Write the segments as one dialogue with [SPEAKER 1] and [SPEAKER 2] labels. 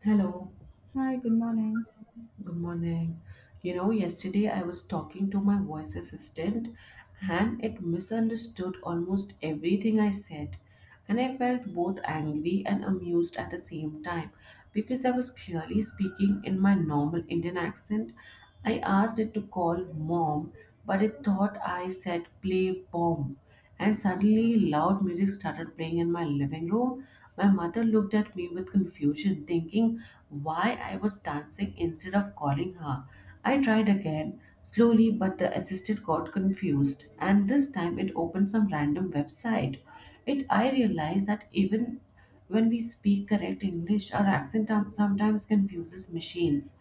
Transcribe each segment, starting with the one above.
[SPEAKER 1] Hello,
[SPEAKER 2] Hi, good morning.
[SPEAKER 1] good morning. You know, yesterday I was talking to my voice assistant and it misunderstood almost everything I said. And I felt both angry and amused at the same time because I was clearly speaking in my normal Indian accent. I asked it to call mom, but it thought I said play bomb. And suddenly, loud music started playing in my living room. My mother looked at me with confusion, thinking why I was dancing instead of calling her. I tried again, slowly, but the assistant got confused, and this time it opened some random website. It I realized that even when we speak correct English, our accent sometimes confuses machines.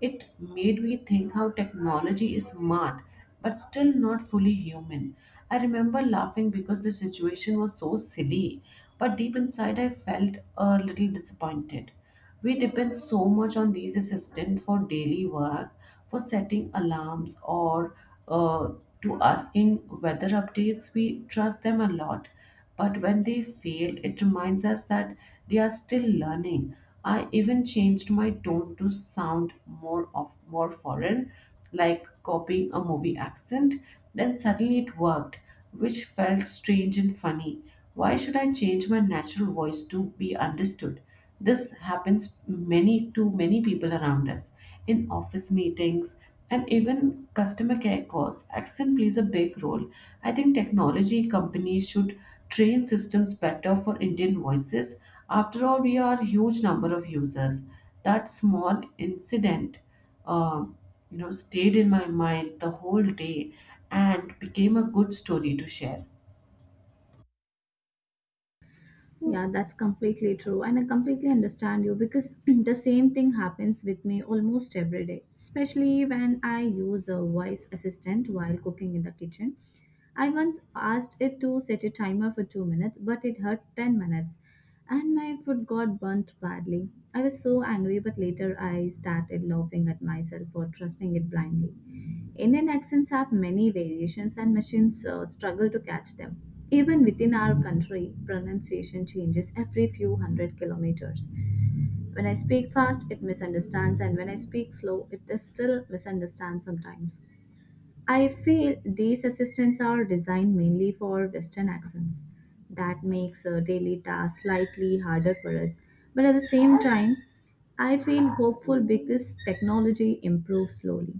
[SPEAKER 1] It made me think how technology is smart but still not fully human. I remember laughing because the situation was so silly, but deep inside I felt a little disappointed. We depend so much on these assistants for daily work, for setting alarms, or uh, to asking weather updates. We trust them a lot, but when they fail, it reminds us that they are still learning. I even changed my tone to sound more foreign, like copying a movie accent. Then suddenly it worked, which felt strange and funny. Why should I change my natural voice to be understood? This happens many people around us in office meetings and even customer care calls. Accent plays a big role. I think technology companies should train systems better for Indian voices. After all, we are huge number of users. That small incident um, stayed in my mind the whole day and became a good story to share.
[SPEAKER 2] Yeah, that's completely true. And I completely understand you because the same thing happens with me almost every day, especially when I use a voice assistant while cooking in the kitchen. I once asked it to set a timer for 2 minutes, but it had 10 minutes. And my foot got burnt badly. I was so angry, but later I started laughing at myself for trusting it blindly. Indian accents have many variations, and machines struggle to catch them. Even within our country, pronunciation changes every few hundred kilometers. When I speak fast, it misunderstands, and when I speak slow, it is still misunderstands sometimes. I feel these assistants are designed mainly for Western accents. That makes daily tasks slightly harder for us. But at the same time, I feel hopeful because technology improves slowly.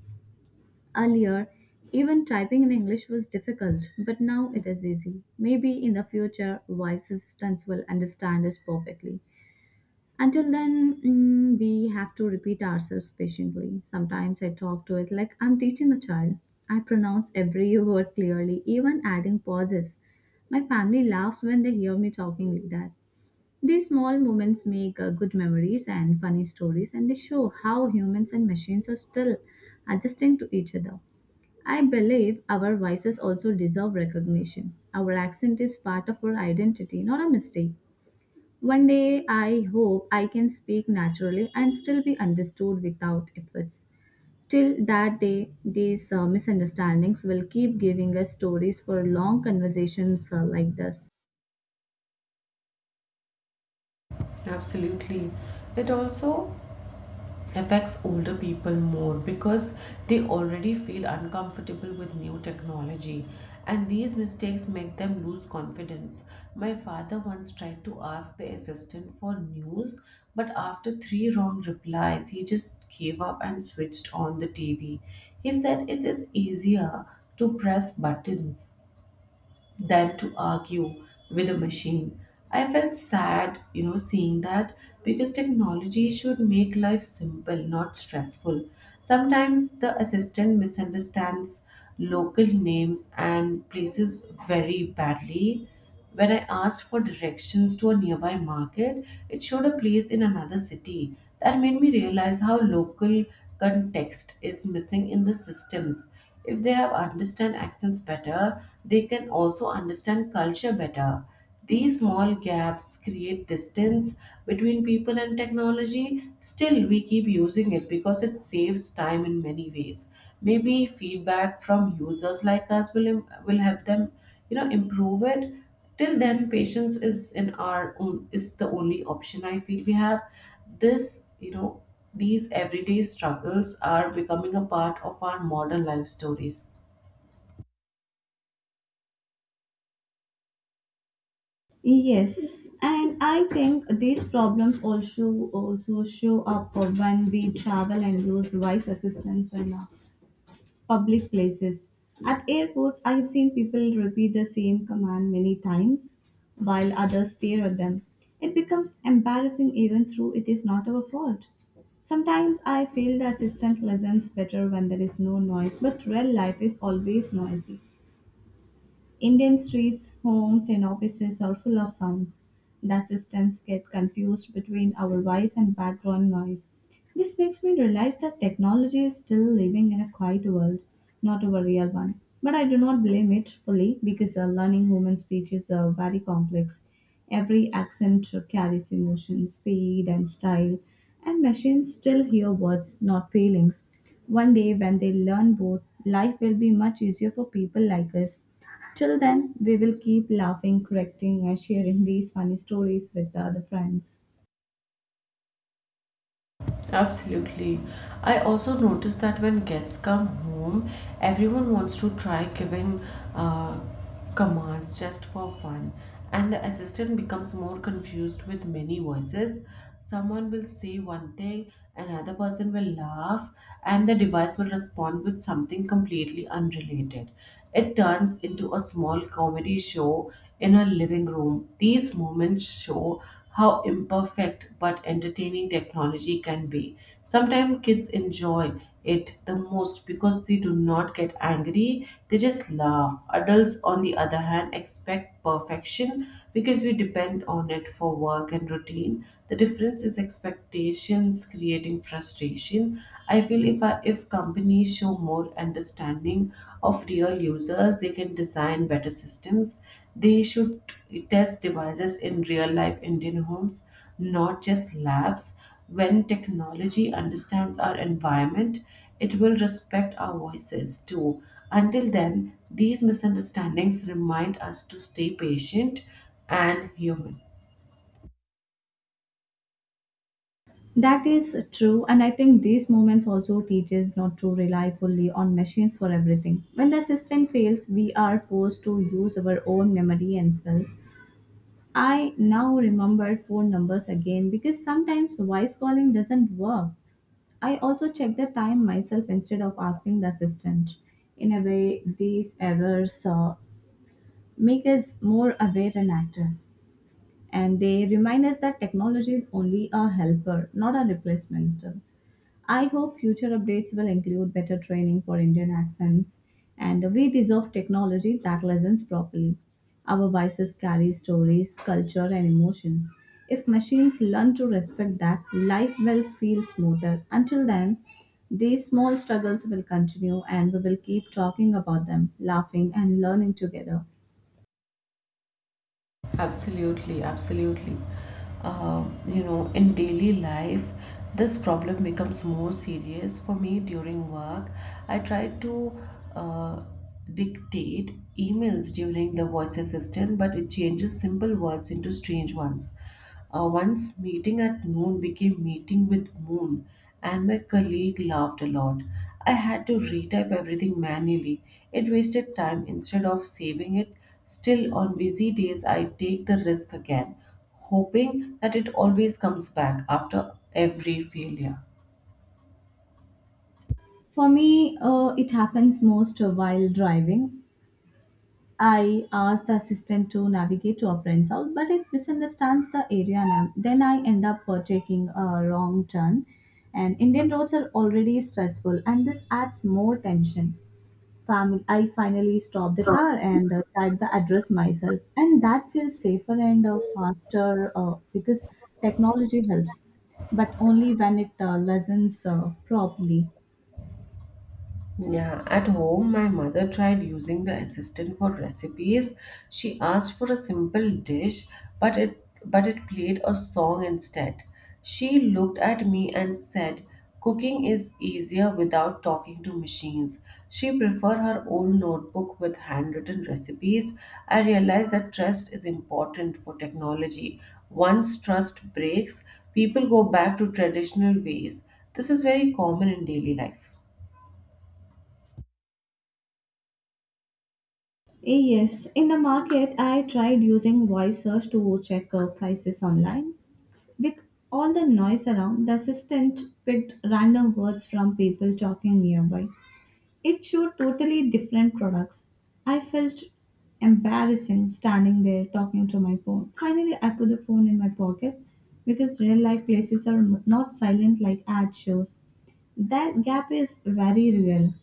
[SPEAKER 2] Earlier, even typing in English was difficult, but now it is easy. Maybe in the future, voice assistants will understand us perfectly. Until then, we have to repeat ourselves patiently. Sometimes I talk to it like I'm teaching a child. I pronounce every word clearly, even adding pauses. My family laughs when they hear me talking like that. These small moments make good memories and funny stories, and they show how humans and machines are still adjusting to each other. I believe our voices also deserve recognition. Our accent is part of our identity, not a mistake. One day, I hope I can speak naturally and still be understood without efforts. Till that day, these misunderstandings will keep giving us stories for long conversations like this.
[SPEAKER 1] Absolutely. It also affects older people more because they already feel uncomfortable with new technology, and these mistakes make them lose confidence. My father once tried to ask the assistant for news, but after three wrong replies, he just gave up and switched on the TV. He said it is easier to press buttons than to argue with a machine. I felt sad, you know, seeing that because technology should make life simple, not stressful. Sometimes the assistant misunderstands local names and places very badly. When I asked for directions to a nearby market, it showed a place in another city. That made me realize how local context is missing in the systems. If they have understand accents better, they can also understand culture better. These small gaps create distance between people and technology. Still, we keep using it because it saves time in many ways. Maybe feedback from users like us will help them improve it. Till then, patience is in our own is the only option I feel we have. This you know These everyday struggles are becoming a part of our modern life stories.
[SPEAKER 2] Yes, and I think these problems also show up when we travel and use voice assistants and public places. At airports, I have seen people repeat the same command many times while others stare at them. It becomes embarrassing even though it is not our fault. Sometimes I feel the assistant listens better when there is no noise, but real life is always noisy. Indian streets, homes, and offices are full of sounds. The assistants get confused between our voice and background noise. This makes me realize that technology is still living in a quiet world, not a real one. But I do not blame it fully because learning human speech is very complex. Every accent carries emotion, speed, and style, and machines still hear words, not feelings. One day, when they learn both, life will be much easier for people like us. Till then, we will keep laughing, correcting, and sharing these funny stories with the other friends.
[SPEAKER 1] Absolutely. I also noticed that when guests come home, everyone wants to try giving uh, commands just for fun, and the assistant becomes more confused with many voices. Someone will say one thing, another person will laugh, and the device will respond with something completely unrelated. It turns into a small comedy show in a living room. These moments show how imperfect but entertaining technology can be. Sometimes kids enjoy it the most because they do not get angry, they just laugh. Adults, on the other hand, expect perfection because we depend on it for work and routine. The difference is expectations creating frustration. I feel if companies show more understanding of real users, they can design better systems. They should test devices in real life Indian homes, not just labs. When technology understands our environment, it will respect our voices too. Until then, these misunderstandings remind us to stay patient and human.
[SPEAKER 2] That is true, and I think these moments also teach us not to rely fully on machines for everything. When the system fails, we are forced to use our own memory and skills. I now remember phone numbers again because sometimes voice calling doesn't work. I also check the time myself instead of asking the assistant. In a way, these errors make us more aware and active, and they remind us that technology is only a helper, not a replacement. I hope future updates will include better training for Indian accents, and we deserve technology that listens properly. Our voices carry stories, culture, and emotions. If machines learn to respect that, life will feel smoother. Until then, these small struggles will continue and we will keep talking about them, laughing and learning together.
[SPEAKER 1] Absolutely, absolutely. In daily life, this problem becomes more serious for me during work. I try to uh, dictate emails during the voice assistant, but it changes simple words into strange ones. Once meeting at noon became meeting with moon, and my colleague laughed a lot. I had to retype everything manually. It wasted time instead of saving it. Still, on busy days, I take the risk again, hoping that it always comes back after every failure.
[SPEAKER 2] For me, it happens most while driving. I ask the assistant to navigate to a friend's house, but it misunderstands the area name. Then I end up taking a wrong turn, and Indian roads are already stressful, and this adds more tension. Family, I finally stop the car and type the address myself, and that feels safer and faster because technology helps, but only when it lessens properly.
[SPEAKER 1] Yeah, at home, my mother tried using the assistant for recipes. She asked for a simple dish, but it played a song instead. She looked at me and said, "Cooking is easier without talking to machines." She preferred her own notebook with handwritten recipes. I realized that trust is important for technology. Once trust breaks, people go back to traditional ways. This is very common in daily life.
[SPEAKER 2] Yes, in the market, I tried using voice search to check prices online. With all the noise around, the assistant picked random words from people talking nearby. It showed totally different products. I felt embarrassing standing there talking to my phone. Finally, I put the phone in my pocket because real life places are not silent like ad shows. That gap is very real.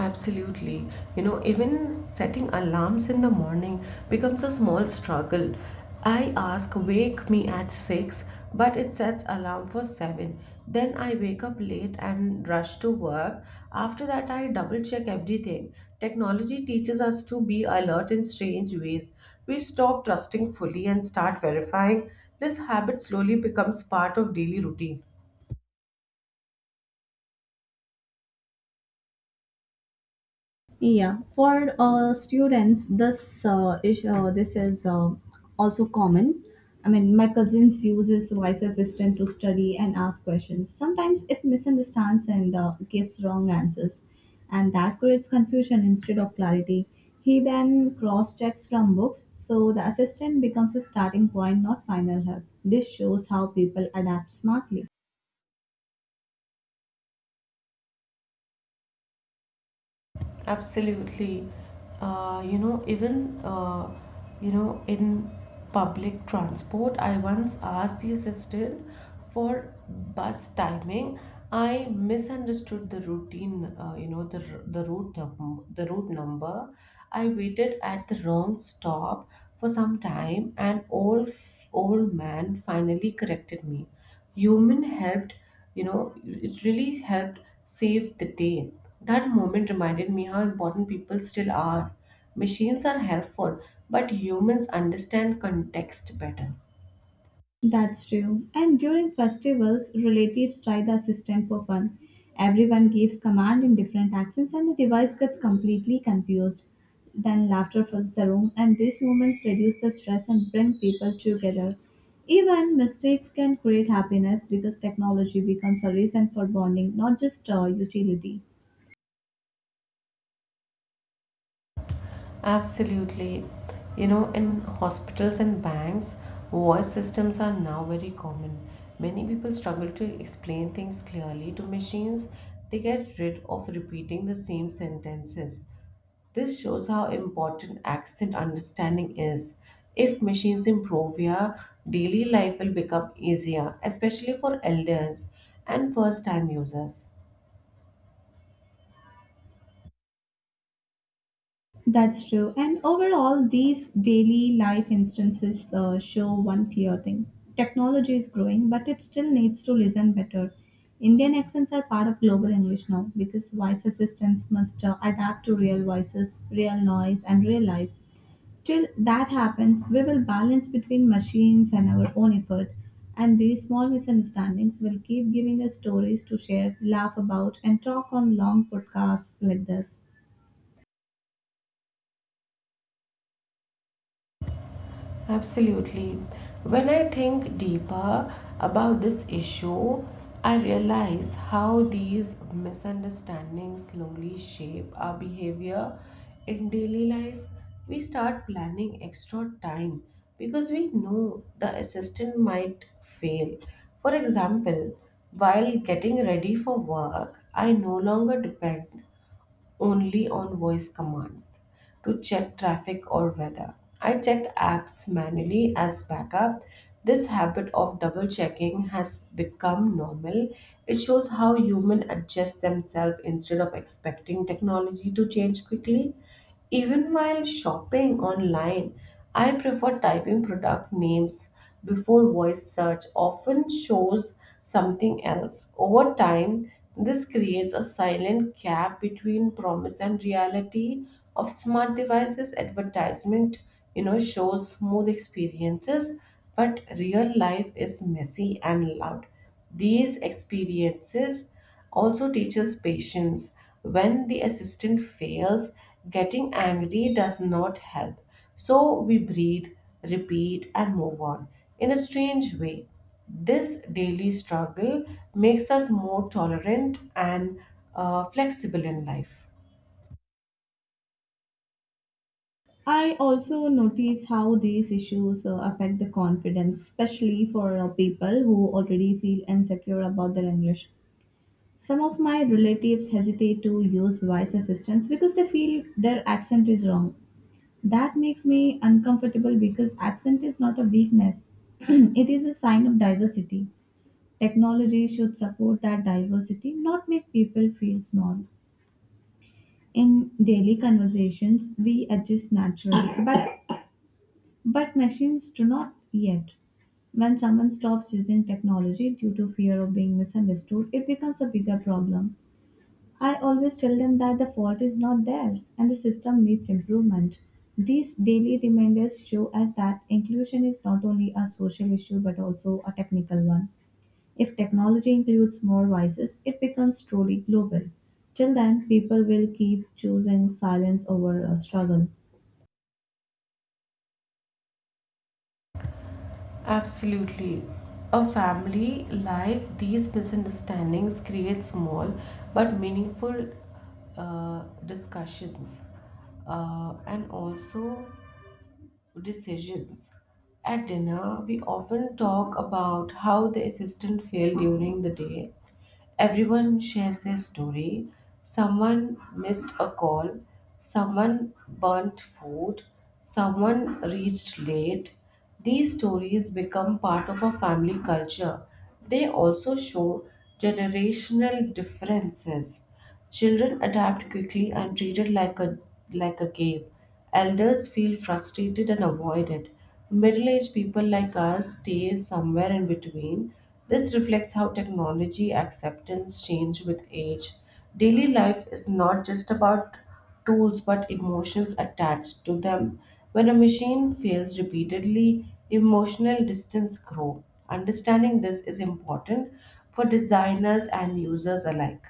[SPEAKER 1] Absolutely. You know, even setting alarms in the morning becomes a small struggle. I ask wake me at 6, but it sets alarm for 7. Then I wake up late and rush to work. After that, I double check everything. Technology teaches us to be alert in strange ways. We stop trusting fully and start verifying. This habit slowly becomes part of daily routine.
[SPEAKER 2] Yeah, for students, this is this is also common. I mean, my cousins uses voice assistant to study and ask questions. Sometimes it misunderstands and gives wrong answers, and that creates confusion instead of clarity. He then cross checks from books, so the assistant becomes a starting point, not final help. This shows how people adapt smartly.
[SPEAKER 1] Absolutely. Uh, you know, even uh, in public transport, I once asked the assistant for bus timing. I misunderstood the routine, you know, the r- the route num- the route number. I waited at the wrong stop for some time, and old man finally corrected me. Human helped, it really helped save the day. That moment reminded me how important people still are. Machines are helpful, but humans understand context better.
[SPEAKER 2] That's true. And during festivals, relatives try the system for fun. Everyone gives command in different accents and the device gets completely confused. Then laughter fills the room and these moments reduce the stress and bring people together. Even mistakes can create happiness because technology becomes a reason for bonding, not just a utility.
[SPEAKER 1] Absolutely. You know, in hospitals and banks, voice systems are now very common. Many people struggle to explain things clearly to machines. They get rid of repeating the same sentences. This shows how important accent understanding is. If machines improve, your daily life will become easier, especially for elders and first time users.
[SPEAKER 2] That's true. And overall, these daily life instances show one clear thing. Technology is growing, but it still needs to listen better. Indian accents are part of global English now because voice assistants must adapt to real voices, real noise, and real life. Till that happens, we will balance between machines and our own effort. And these small misunderstandings will keep giving us stories to share, laugh about, and talk on long podcasts like this.
[SPEAKER 1] Absolutely. When I think deeper about this issue, I realize how these misunderstandings slowly shape our behavior in daily life. We start planning extra time because we know the assistant might fail. For example, while getting ready for work, I no longer depend only on voice commands to check traffic or weather. I check apps manually as backup. This habit of double checking has become normal. It shows how humans adjust themselves instead of expecting technology to change quickly. Even while shopping online, I prefer typing product names before voice search often shows something else. Over time, this creates a silent gap between promise and reality of smart devices advertisement, you know, shows smooth experiences, but real life is messy and loud. These experiences also teaches patience. When the assistant fails, getting angry does not help. So we breathe, repeat, and move on. In a strange way, this daily struggle makes us more tolerant and flexible in life.
[SPEAKER 2] I also notice how these issues affect the confidence, especially for people who already feel insecure about their English. Some of my relatives hesitate to use voice assistants because they feel their accent is wrong. That makes me uncomfortable because accent is not a weakness, it is a sign of diversity. Technology should support that diversity, not make people feel small. In daily conversations, we adjust naturally, but machines do not yet. When someone stops using technology due to fear of being misunderstood, it becomes a bigger problem. I always tell them that the fault is not theirs and the system needs improvement. These daily reminders show us that inclusion is not only a social issue but also a technical one. If technology includes more voices, it becomes truly global. Till then, people will keep choosing silence over a struggle.
[SPEAKER 1] Absolutely. A family life, these misunderstandings create small but meaningful discussions. And also, decisions. At dinner, we often talk about how the assistant failed during the day. Everyone shares their story. Someone missed a call, someone burnt food, someone reached late. These stories become part of our family culture. They also show generational differences. Children adapt quickly and treat it like a game. Elders feel frustrated and avoid it. Middle-aged people like us stay somewhere in between. This reflects how technology acceptance change with age. Daily life is not just about tools but emotions attached to them. When a machine fails repeatedly, emotional distance grows. Understanding this is important for designers and users alike.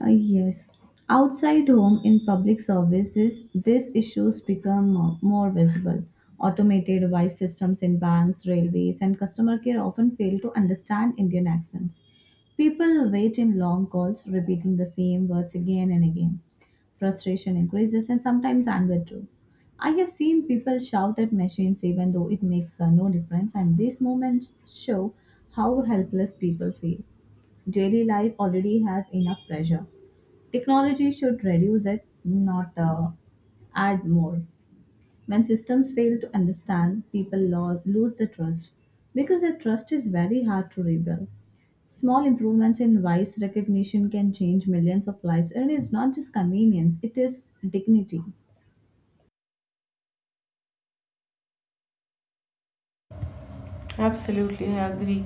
[SPEAKER 2] Yes. Outside home in public services, these issues become more visible. Automated voice systems in banks, railways, and customer care often fail to understand Indian accents. People wait in long calls, repeating the same words again and again. Frustration increases and sometimes anger too. I have seen people shout at machines even though it makes no difference, and these moments show how helpless people feel. Daily life already has enough pressure. Technology should reduce it, not add more. When systems fail to understand, people lose the trust because the trust is very hard to rebuild. Small improvements in voice recognition can change millions of lives, and it's not just convenience, it is dignity.
[SPEAKER 1] Absolutely, I agree.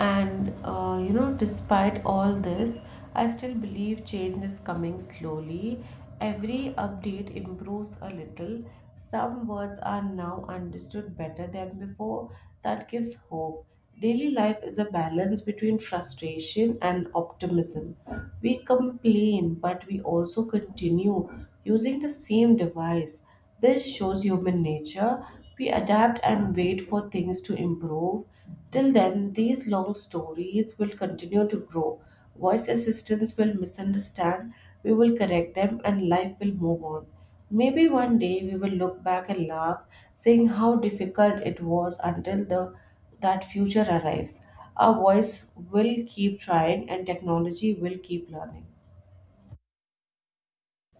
[SPEAKER 1] And despite all this, I still believe change is coming slowly. Every update improves a little. Some words are now understood better than before. That gives hope. Daily life is a balance between frustration and optimism. We complain, but we also continue using the same device. This shows human nature. We adapt and wait for things to improve. Till then, these long stories will continue to grow. Voice assistants will misunderstand, we will correct them, and life will move on. Maybe one day we will look back and laugh, saying how difficult it was until the that future arrives. Our voice will keep trying, and technology will keep learning.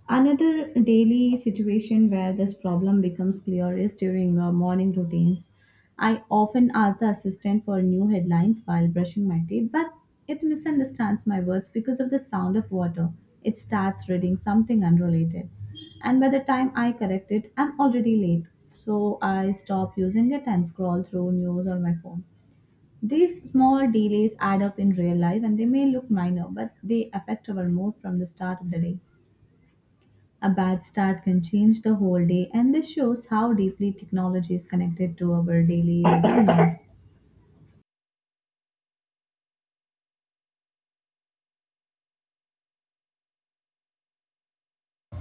[SPEAKER 2] Another daily situation where this problem becomes clear is during morning routines. I often ask the assistant for new headlines while brushing my teeth, but it misunderstands my words because of the sound of water. It starts reading something unrelated. And by the time I correct it, I'm already late. So I stop using it and scroll through news on my phone. These small delays add up in real life and they may look minor, but they affect our mood from the start of the day. A bad start can change the whole day, and this shows how deeply technology is connected to our daily routine.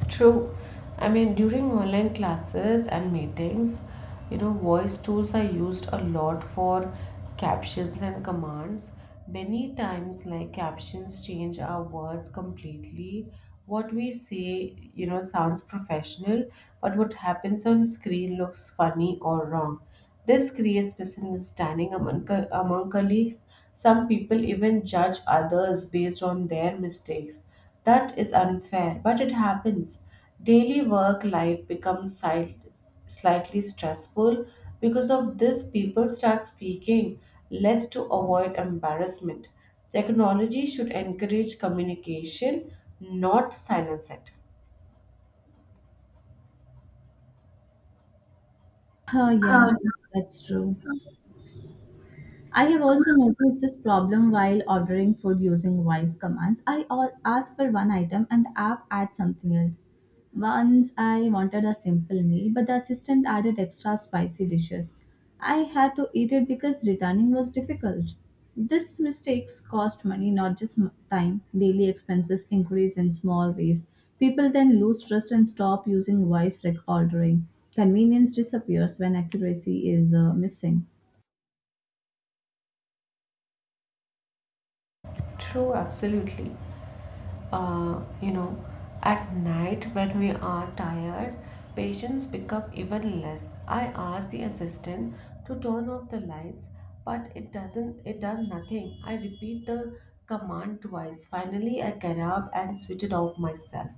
[SPEAKER 1] True. I mean, during online classes and meetings, you know, voice tools are used a lot for captions and commands. Many times, like captions change our words completely. What we say, you know, sounds professional, but what happens on screen looks funny or wrong. This creates misunderstanding among, among colleagues. Some people even judge others based on their mistakes. That is unfair, but it happens. Daily work life becomes slightly stressful because of this. People start speaking less to avoid embarrassment. Technology should encourage communication, not silence it.
[SPEAKER 2] Oh yeah, that's true. I have also noticed this problem while ordering food using voice commands. I all ask for one item and the app adds something else. Once I wanted a simple meal, but the assistant added extra spicy dishes. I had to eat it because returning was difficult. These mistakes cost money, not just time. Daily expenses increase in small ways. People then lose trust and stop using voice rec ordering. Convenience disappears when accuracy is missing.
[SPEAKER 1] True, absolutely. uh, you know, at night when we are tired, patients become even less. I asked the assistant to turn off the lights, but it does nothing. I repeat the command twice. Finally, I get up and switch it off myself.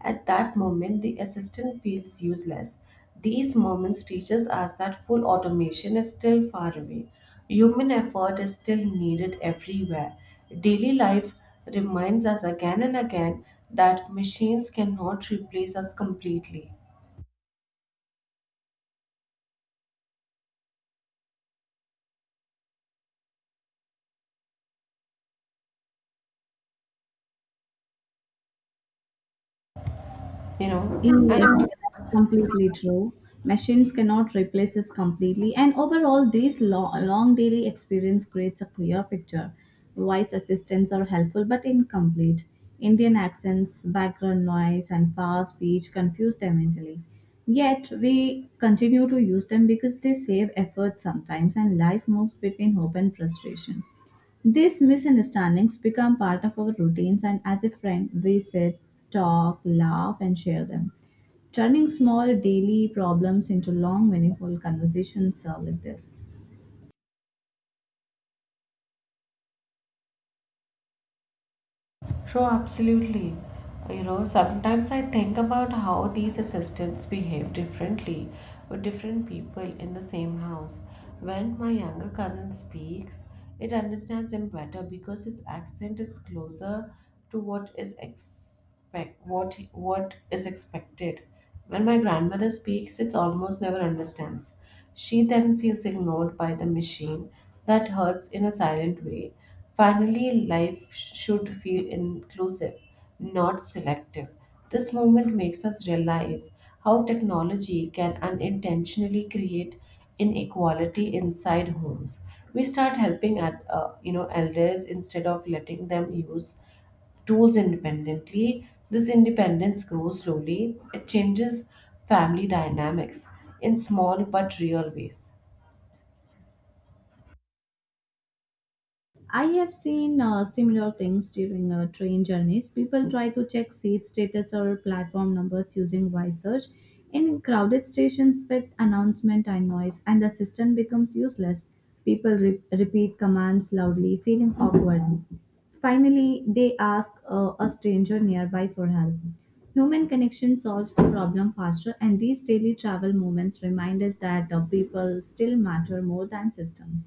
[SPEAKER 1] At that moment, the assistant feels useless. These moments teaches us that full automation is still far away. Human effort is still needed everywhere. Daily life reminds us again and again that machines cannot replace us completely. You know, and
[SPEAKER 2] Yes, that's completely true. Machines cannot replace us completely, and overall, this long daily experience creates a clear picture. Voice assistants are helpful but incomplete. Indian accents, background noise, and fast speech confuse them easily. Yet, we continue to use them because they save effort sometimes, and life moves between hope and frustration. These misunderstandings become part of our routines, and as a friend, we sit, talk, laugh, and share them. Turning small daily problems into long, meaningful conversations like this.
[SPEAKER 1] So absolutely. You know, sometimes I think about how these assistants behave differently with different people in the same house. When my younger cousin speaks, it understands him better because his accent is closer to what is expected. When my grandmother speaks, it almost never understands. She then feels ignored by the machine. That hurts in a silent way. Finally, life should feel inclusive, not selective. This moment makes us realize how technology can unintentionally create inequality inside homes. We start helping at elders instead of letting them use tools independently. This independence grows slowly. It changes family dynamics in small but real ways.
[SPEAKER 2] I have seen similar things during train journeys. People try to check seat status or platform numbers using voice search. In crowded stations with announcement and noise, and the system becomes useless. People repeat commands loudly, feeling awkward. Finally, they ask a stranger nearby for help. Human connection solves the problem faster, and these daily travel moments remind us that the people still matter more than systems.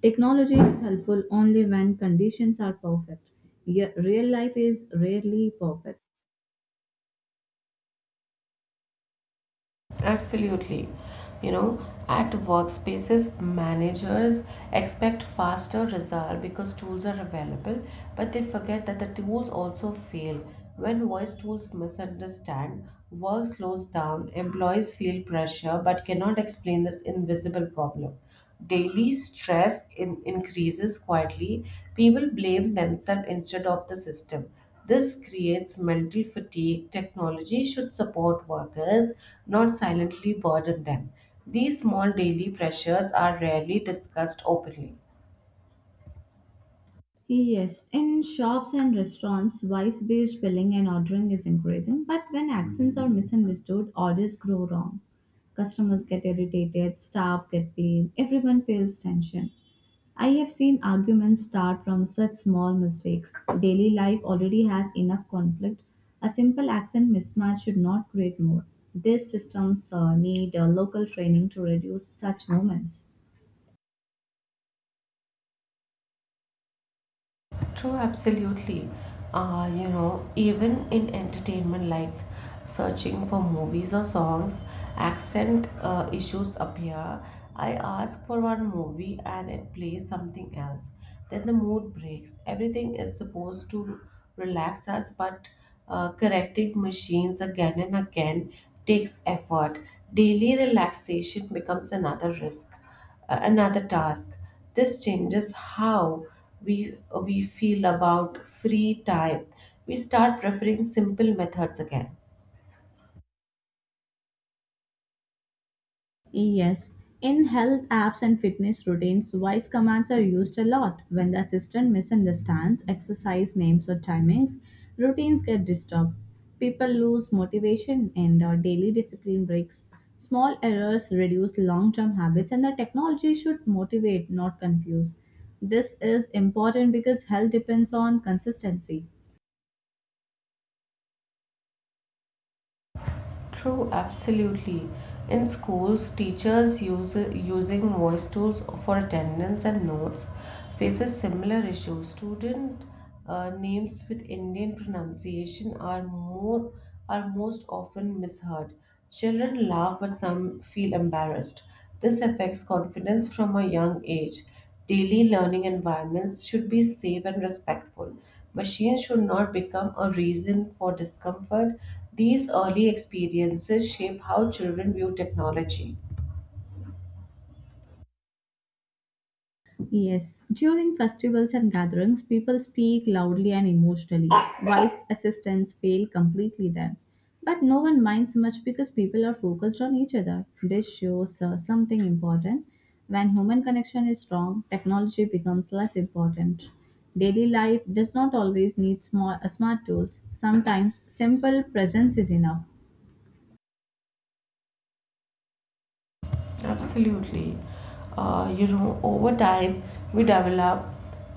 [SPEAKER 2] Technology is helpful only when conditions are perfect. Real life is rarely perfect.
[SPEAKER 1] Absolutely. You know, at workspaces, managers expect faster result because tools are available, but they forget that the tools also fail. When voice tools misunderstand, work slows down, employees feel pressure but cannot explain this invisible problem. Daily stress increases quietly. People blame themselves instead of the system. This creates mental fatigue. Technology should support workers, not silently burden them. These small daily pressures are rarely discussed openly.
[SPEAKER 2] Yes, in shops and restaurants, voice based billing and ordering is increasing, but when accents are misunderstood, orders grow wrong. Customers get irritated, staff get blamed, everyone feels tension. I have seen arguments start from such small mistakes. Daily life already has enough conflict. A simple accent mismatch should not create more. These systems need local training to reduce such moments.
[SPEAKER 1] True, absolutely. You know, even in entertainment, like searching for movies or songs, accent issues appear. I ask for one movie and it plays something else. Then the mood breaks. Everything is supposed to relax us, but correcting machines again and again takes effort. Daily relaxation becomes another risk, another task. This changes how we we feel about free time. We start preferring simple methods again.
[SPEAKER 2] Yes, in health apps and fitness routines, voice commands are used a lot. When the assistant misunderstands exercise names or timings, routines get disturbed. People lose motivation and daily discipline breaks. Small errors reduce long term habits, and the technology should motivate, not confuse. This is important because health depends on consistency.
[SPEAKER 1] True, absolutely. In schools, teachers use using voice tools for attendance and notes faces similar issues. Student names with Indian pronunciation are most often misheard. Children laugh, but some feel embarrassed. This affects confidence from a young age. Daily learning environments should be safe and respectful. Machines should not become a reason for discomfort. These early experiences shape how children view technology.
[SPEAKER 2] Yes, during festivals and gatherings, people speak loudly and emotionally. Wise assistants fail completely then. But no one minds much because people are focused on each other. This shows something important. When human connection is strong, technology becomes less important. Daily life does not always need small, smart tools. Sometimes simple presence is enough.
[SPEAKER 1] Absolutely. You know, over time, we develop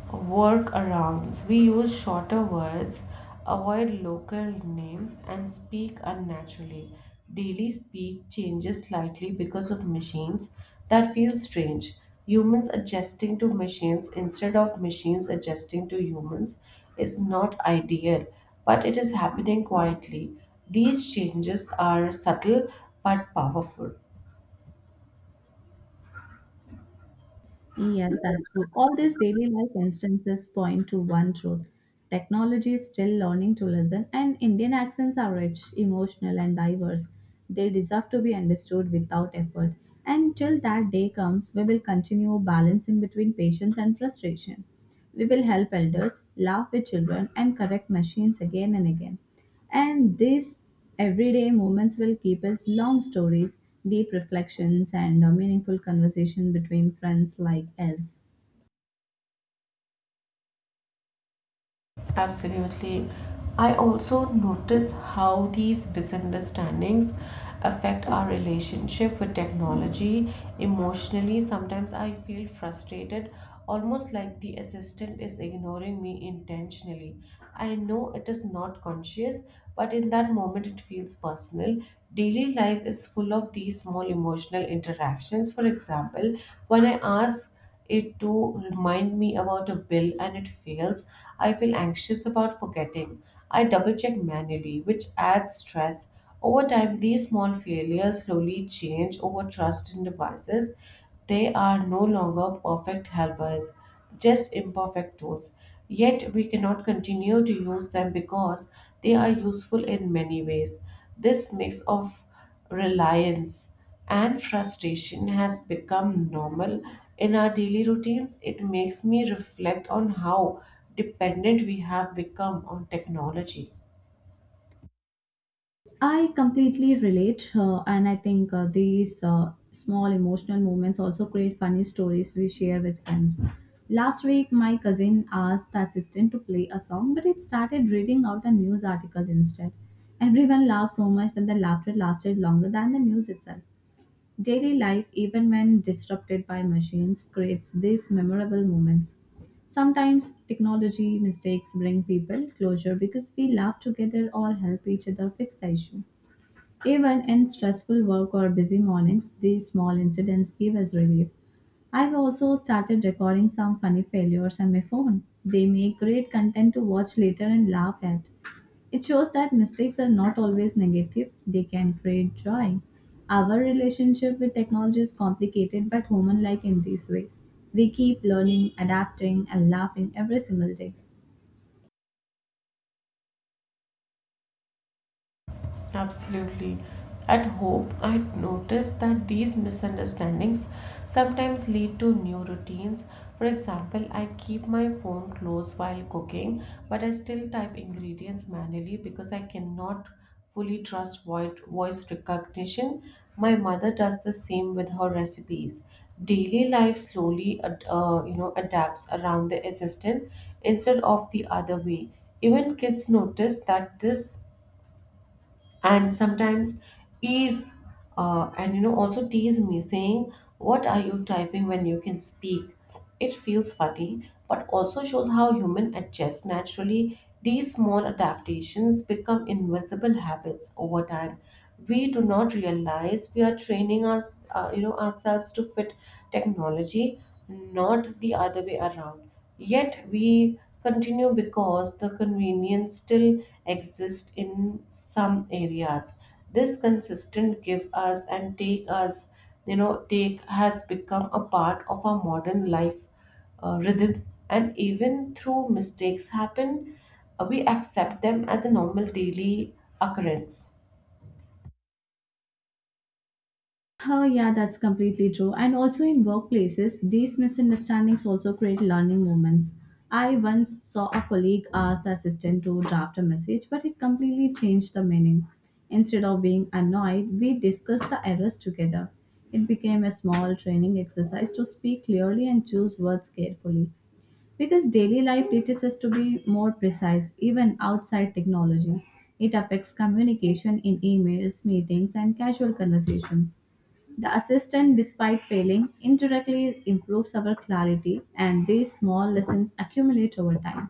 [SPEAKER 1] workarounds. We use shorter words, avoid local names, and speak unnaturally. Daily speak changes slightly because of machines. That feels strange. Humans adjusting to machines instead of machines adjusting to humans is not ideal, but it is happening quietly. These changes are subtle but powerful.
[SPEAKER 2] Yes, that's true. All these daily life instances point to one truth. Technology is still learning to listen, and Indian accents are rich, emotional, and diverse. They deserve to be understood without effort. And till that day comes, we will continue balancing between patience and frustration. We will help elders, laugh with children, and correct machines again and again. And this Everyday moments will keep us long stories, deep reflections, and a meaningful conversation between friends like us.
[SPEAKER 1] Absolutely. I also notice how these misunderstandings affect our relationship with technology emotionally. Sometimes I feel frustrated, almost like the assistant is ignoring me intentionally. I know it is not conscious, but in that moment it feels personal. Daily life is full of these small emotional interactions. For example, when I ask it to remind me about a bill and it fails, I feel anxious about forgetting. I double check manually, which adds stress. Over time, these small failures slowly change over trust in devices. They are no longer perfect helpers, just imperfect tools. Yet, we cannot continue to use them because they are useful in many ways. This mix of reliance and frustration has become normal in our daily routines. It makes me reflect on how dependent we have become on technology.
[SPEAKER 2] I completely relate, and I think these small emotional moments also create funny stories we share with friends. Last week, my cousin asked the assistant to play a song, but it started reading out a news article instead. Everyone laughed so much that the laughter lasted longer than the news itself. Daily life, even when disrupted by machines, creates these memorable moments. Sometimes technology mistakes bring people closure because we laugh together or help each other fix the issue. Even in stressful work or busy mornings, these small incidents give us relief. I've also started recording some funny failures on my phone. They make great content to watch later and laugh at. It shows that mistakes are not always negative, they can create joy. Our relationship with technology is complicated but human like in these ways. We keep learning, adapting, and laughing every single day.
[SPEAKER 1] Absolutely. At home, I noticed that these misunderstandings sometimes lead to new routines. For example, I keep my phone close while cooking, but I still type ingredients manually because I cannot fully trust voice recognition. My mother does the same with her recipes. Daily life slowly adapts around the assistant instead of the other way. Even kids notice that this and sometimes ease and also tease me saying, what are you typing when you can speak? It feels funny but also shows how human adjust naturally. These small adaptations become invisible habits over time. We do not realize we are training us you know ourselves to fit technology, not the other way around. Yet we continue because the convenience still exists in some areas. This consistent give us and take us you know take has become a part of our modern life rhythm, and even through mistakes happen, we accept them as a normal daily occurrence.
[SPEAKER 2] Oh, yeah, that's completely true. And also in workplaces, these misunderstandings also create learning moments. I once saw a colleague ask the assistant to draft a message, but it completely changed the meaning. Instead of being annoyed, we discussed the errors together. It became a small training exercise to speak clearly and choose words carefully. Because daily life teaches us to be more precise, even outside technology. It affects communication in emails, meetings, and casual conversations. The assistant, despite failing, indirectly improves our clarity, and these small lessons accumulate over time.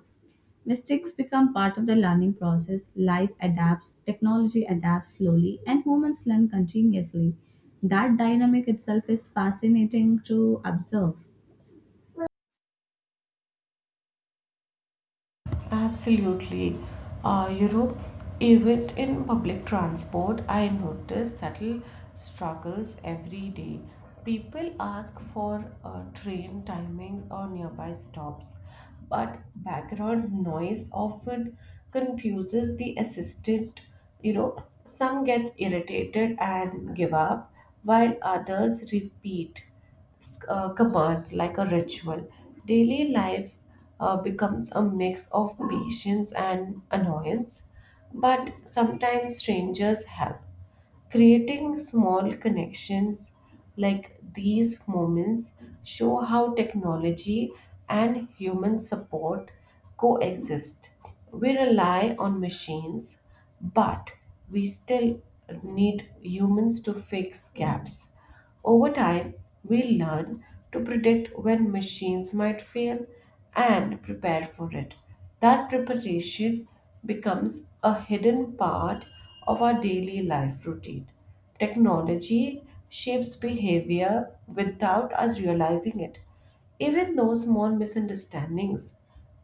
[SPEAKER 2] Mistakes become part of the learning process. Life adapts, technology adapts slowly, and humans learn continuously. That dynamic itself is fascinating to observe.
[SPEAKER 1] Absolutely. You know, even in public transport, I notice subtle struggles every day. People ask for train timings or nearby stops, but background noise often confuses the assistant. You know, some gets irritated and give up, while others repeat commands like a ritual. Daily life becomes a mix of patience and annoyance, but sometimes strangers help, creating small connections. Like these moments show how technology and human support coexist. We rely on machines, but we still need humans to fix gaps. Over time, we'll learn to predict when machines might fail and prepare for it. That preparation becomes a hidden part of our daily life routine. Technology shapes behavior without us realizing it, even though small misunderstandings.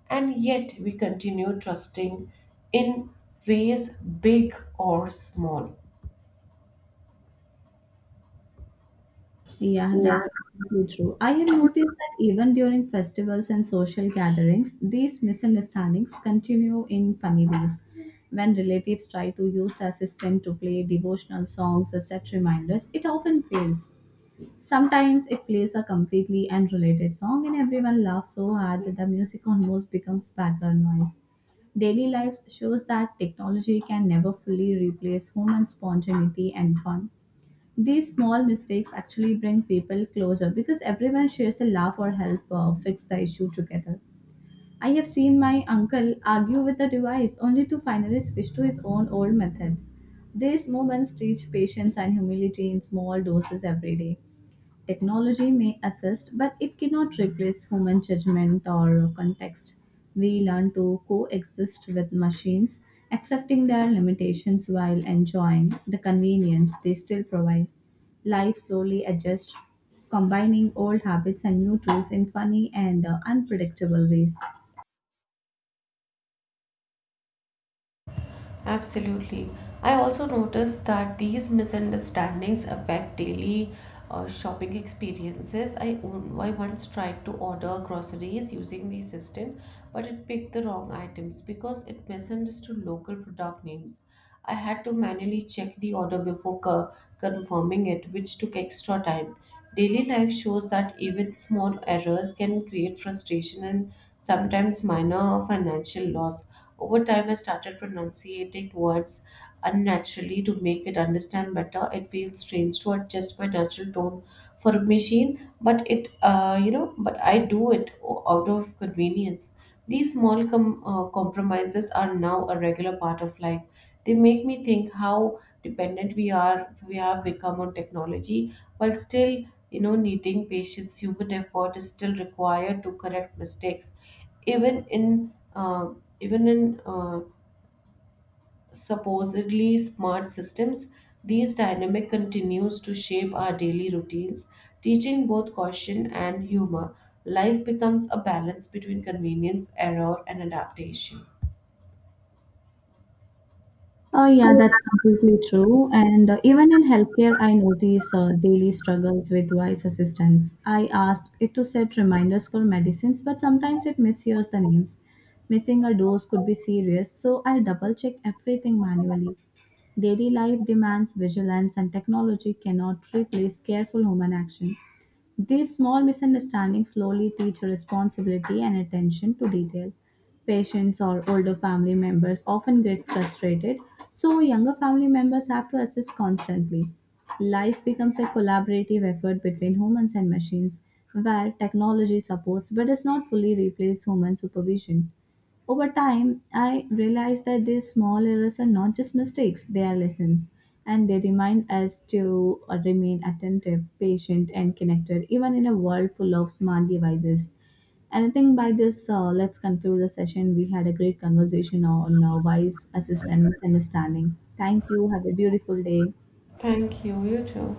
[SPEAKER 1] And yet, we continue trusting in ways big or small.
[SPEAKER 2] Yeah, that's completely true. I have noticed that even during festivals and social gatherings, these misunderstandings continue in funny ways. When relatives try to use the assistant to play devotional songs or set reminders, it often fails. Sometimes it plays a completely unrelated song and everyone laughs so hard that the music almost becomes background noise. Daily life shows that technology can never fully replace human spontaneity and fun. These small mistakes actually bring people closer because everyone shares a laugh or help fix the issue together. I have seen my uncle argue with the device only to finally switch to his own old methods. These moments teach patience and humility in small doses every day. Technology may assist, but it cannot replace human judgment or context. We learn to coexist with machines, accepting their limitations while enjoying the convenience they still provide. Life slowly adjusts, combining old habits and new tools in funny and unpredictable ways.
[SPEAKER 1] Absolutely. I also noticed that these misunderstandings affect daily shopping experiences. I once tried to order groceries using the system, but it picked the wrong items because it misunderstood local product names. I had to manually check the order before confirming it, which took extra time. Daily life shows that even small errors can create frustration and sometimes minor financial loss. Over time, I started pronunciating words unnaturally to make it understand better. It feels strange to adjust my natural tone for a machine, but but I do it out of convenience. These small compromises are now a regular part of life. They make me think how dependent we have become on technology, while still needing patience. Human effort is still required to correct mistakes, even in uh, even in supposedly smart systems. These dynamic continues to shape our daily routines, teaching both caution and humor. Life becomes a balance between convenience, error, and adaptation.
[SPEAKER 2] Oh, yeah, that's completely true. And even in healthcare, I notice daily struggles with voice assistance. I ask it to set reminders for medicines, but sometimes it mishears the names. Missing a dose could be serious, so I double check everything manually. Daily life demands vigilance, and technology cannot replace careful human action. These small misunderstandings slowly teach responsibility and attention to detail. Patients or older family members often get frustrated, so younger family members have to assist constantly. Life becomes a collaborative effort between humans and machines, where technology supports but does not fully replace human supervision. Over time, I realized that these small errors are not just mistakes, they are lessons. And they remind us to remain attentive, patient, and connected, even in a world full of smart devices. And I think by this, let's conclude the session. We had a great conversation on wise assistant misunderstanding. Thank you. Have a beautiful day.
[SPEAKER 1] Thank you, you too.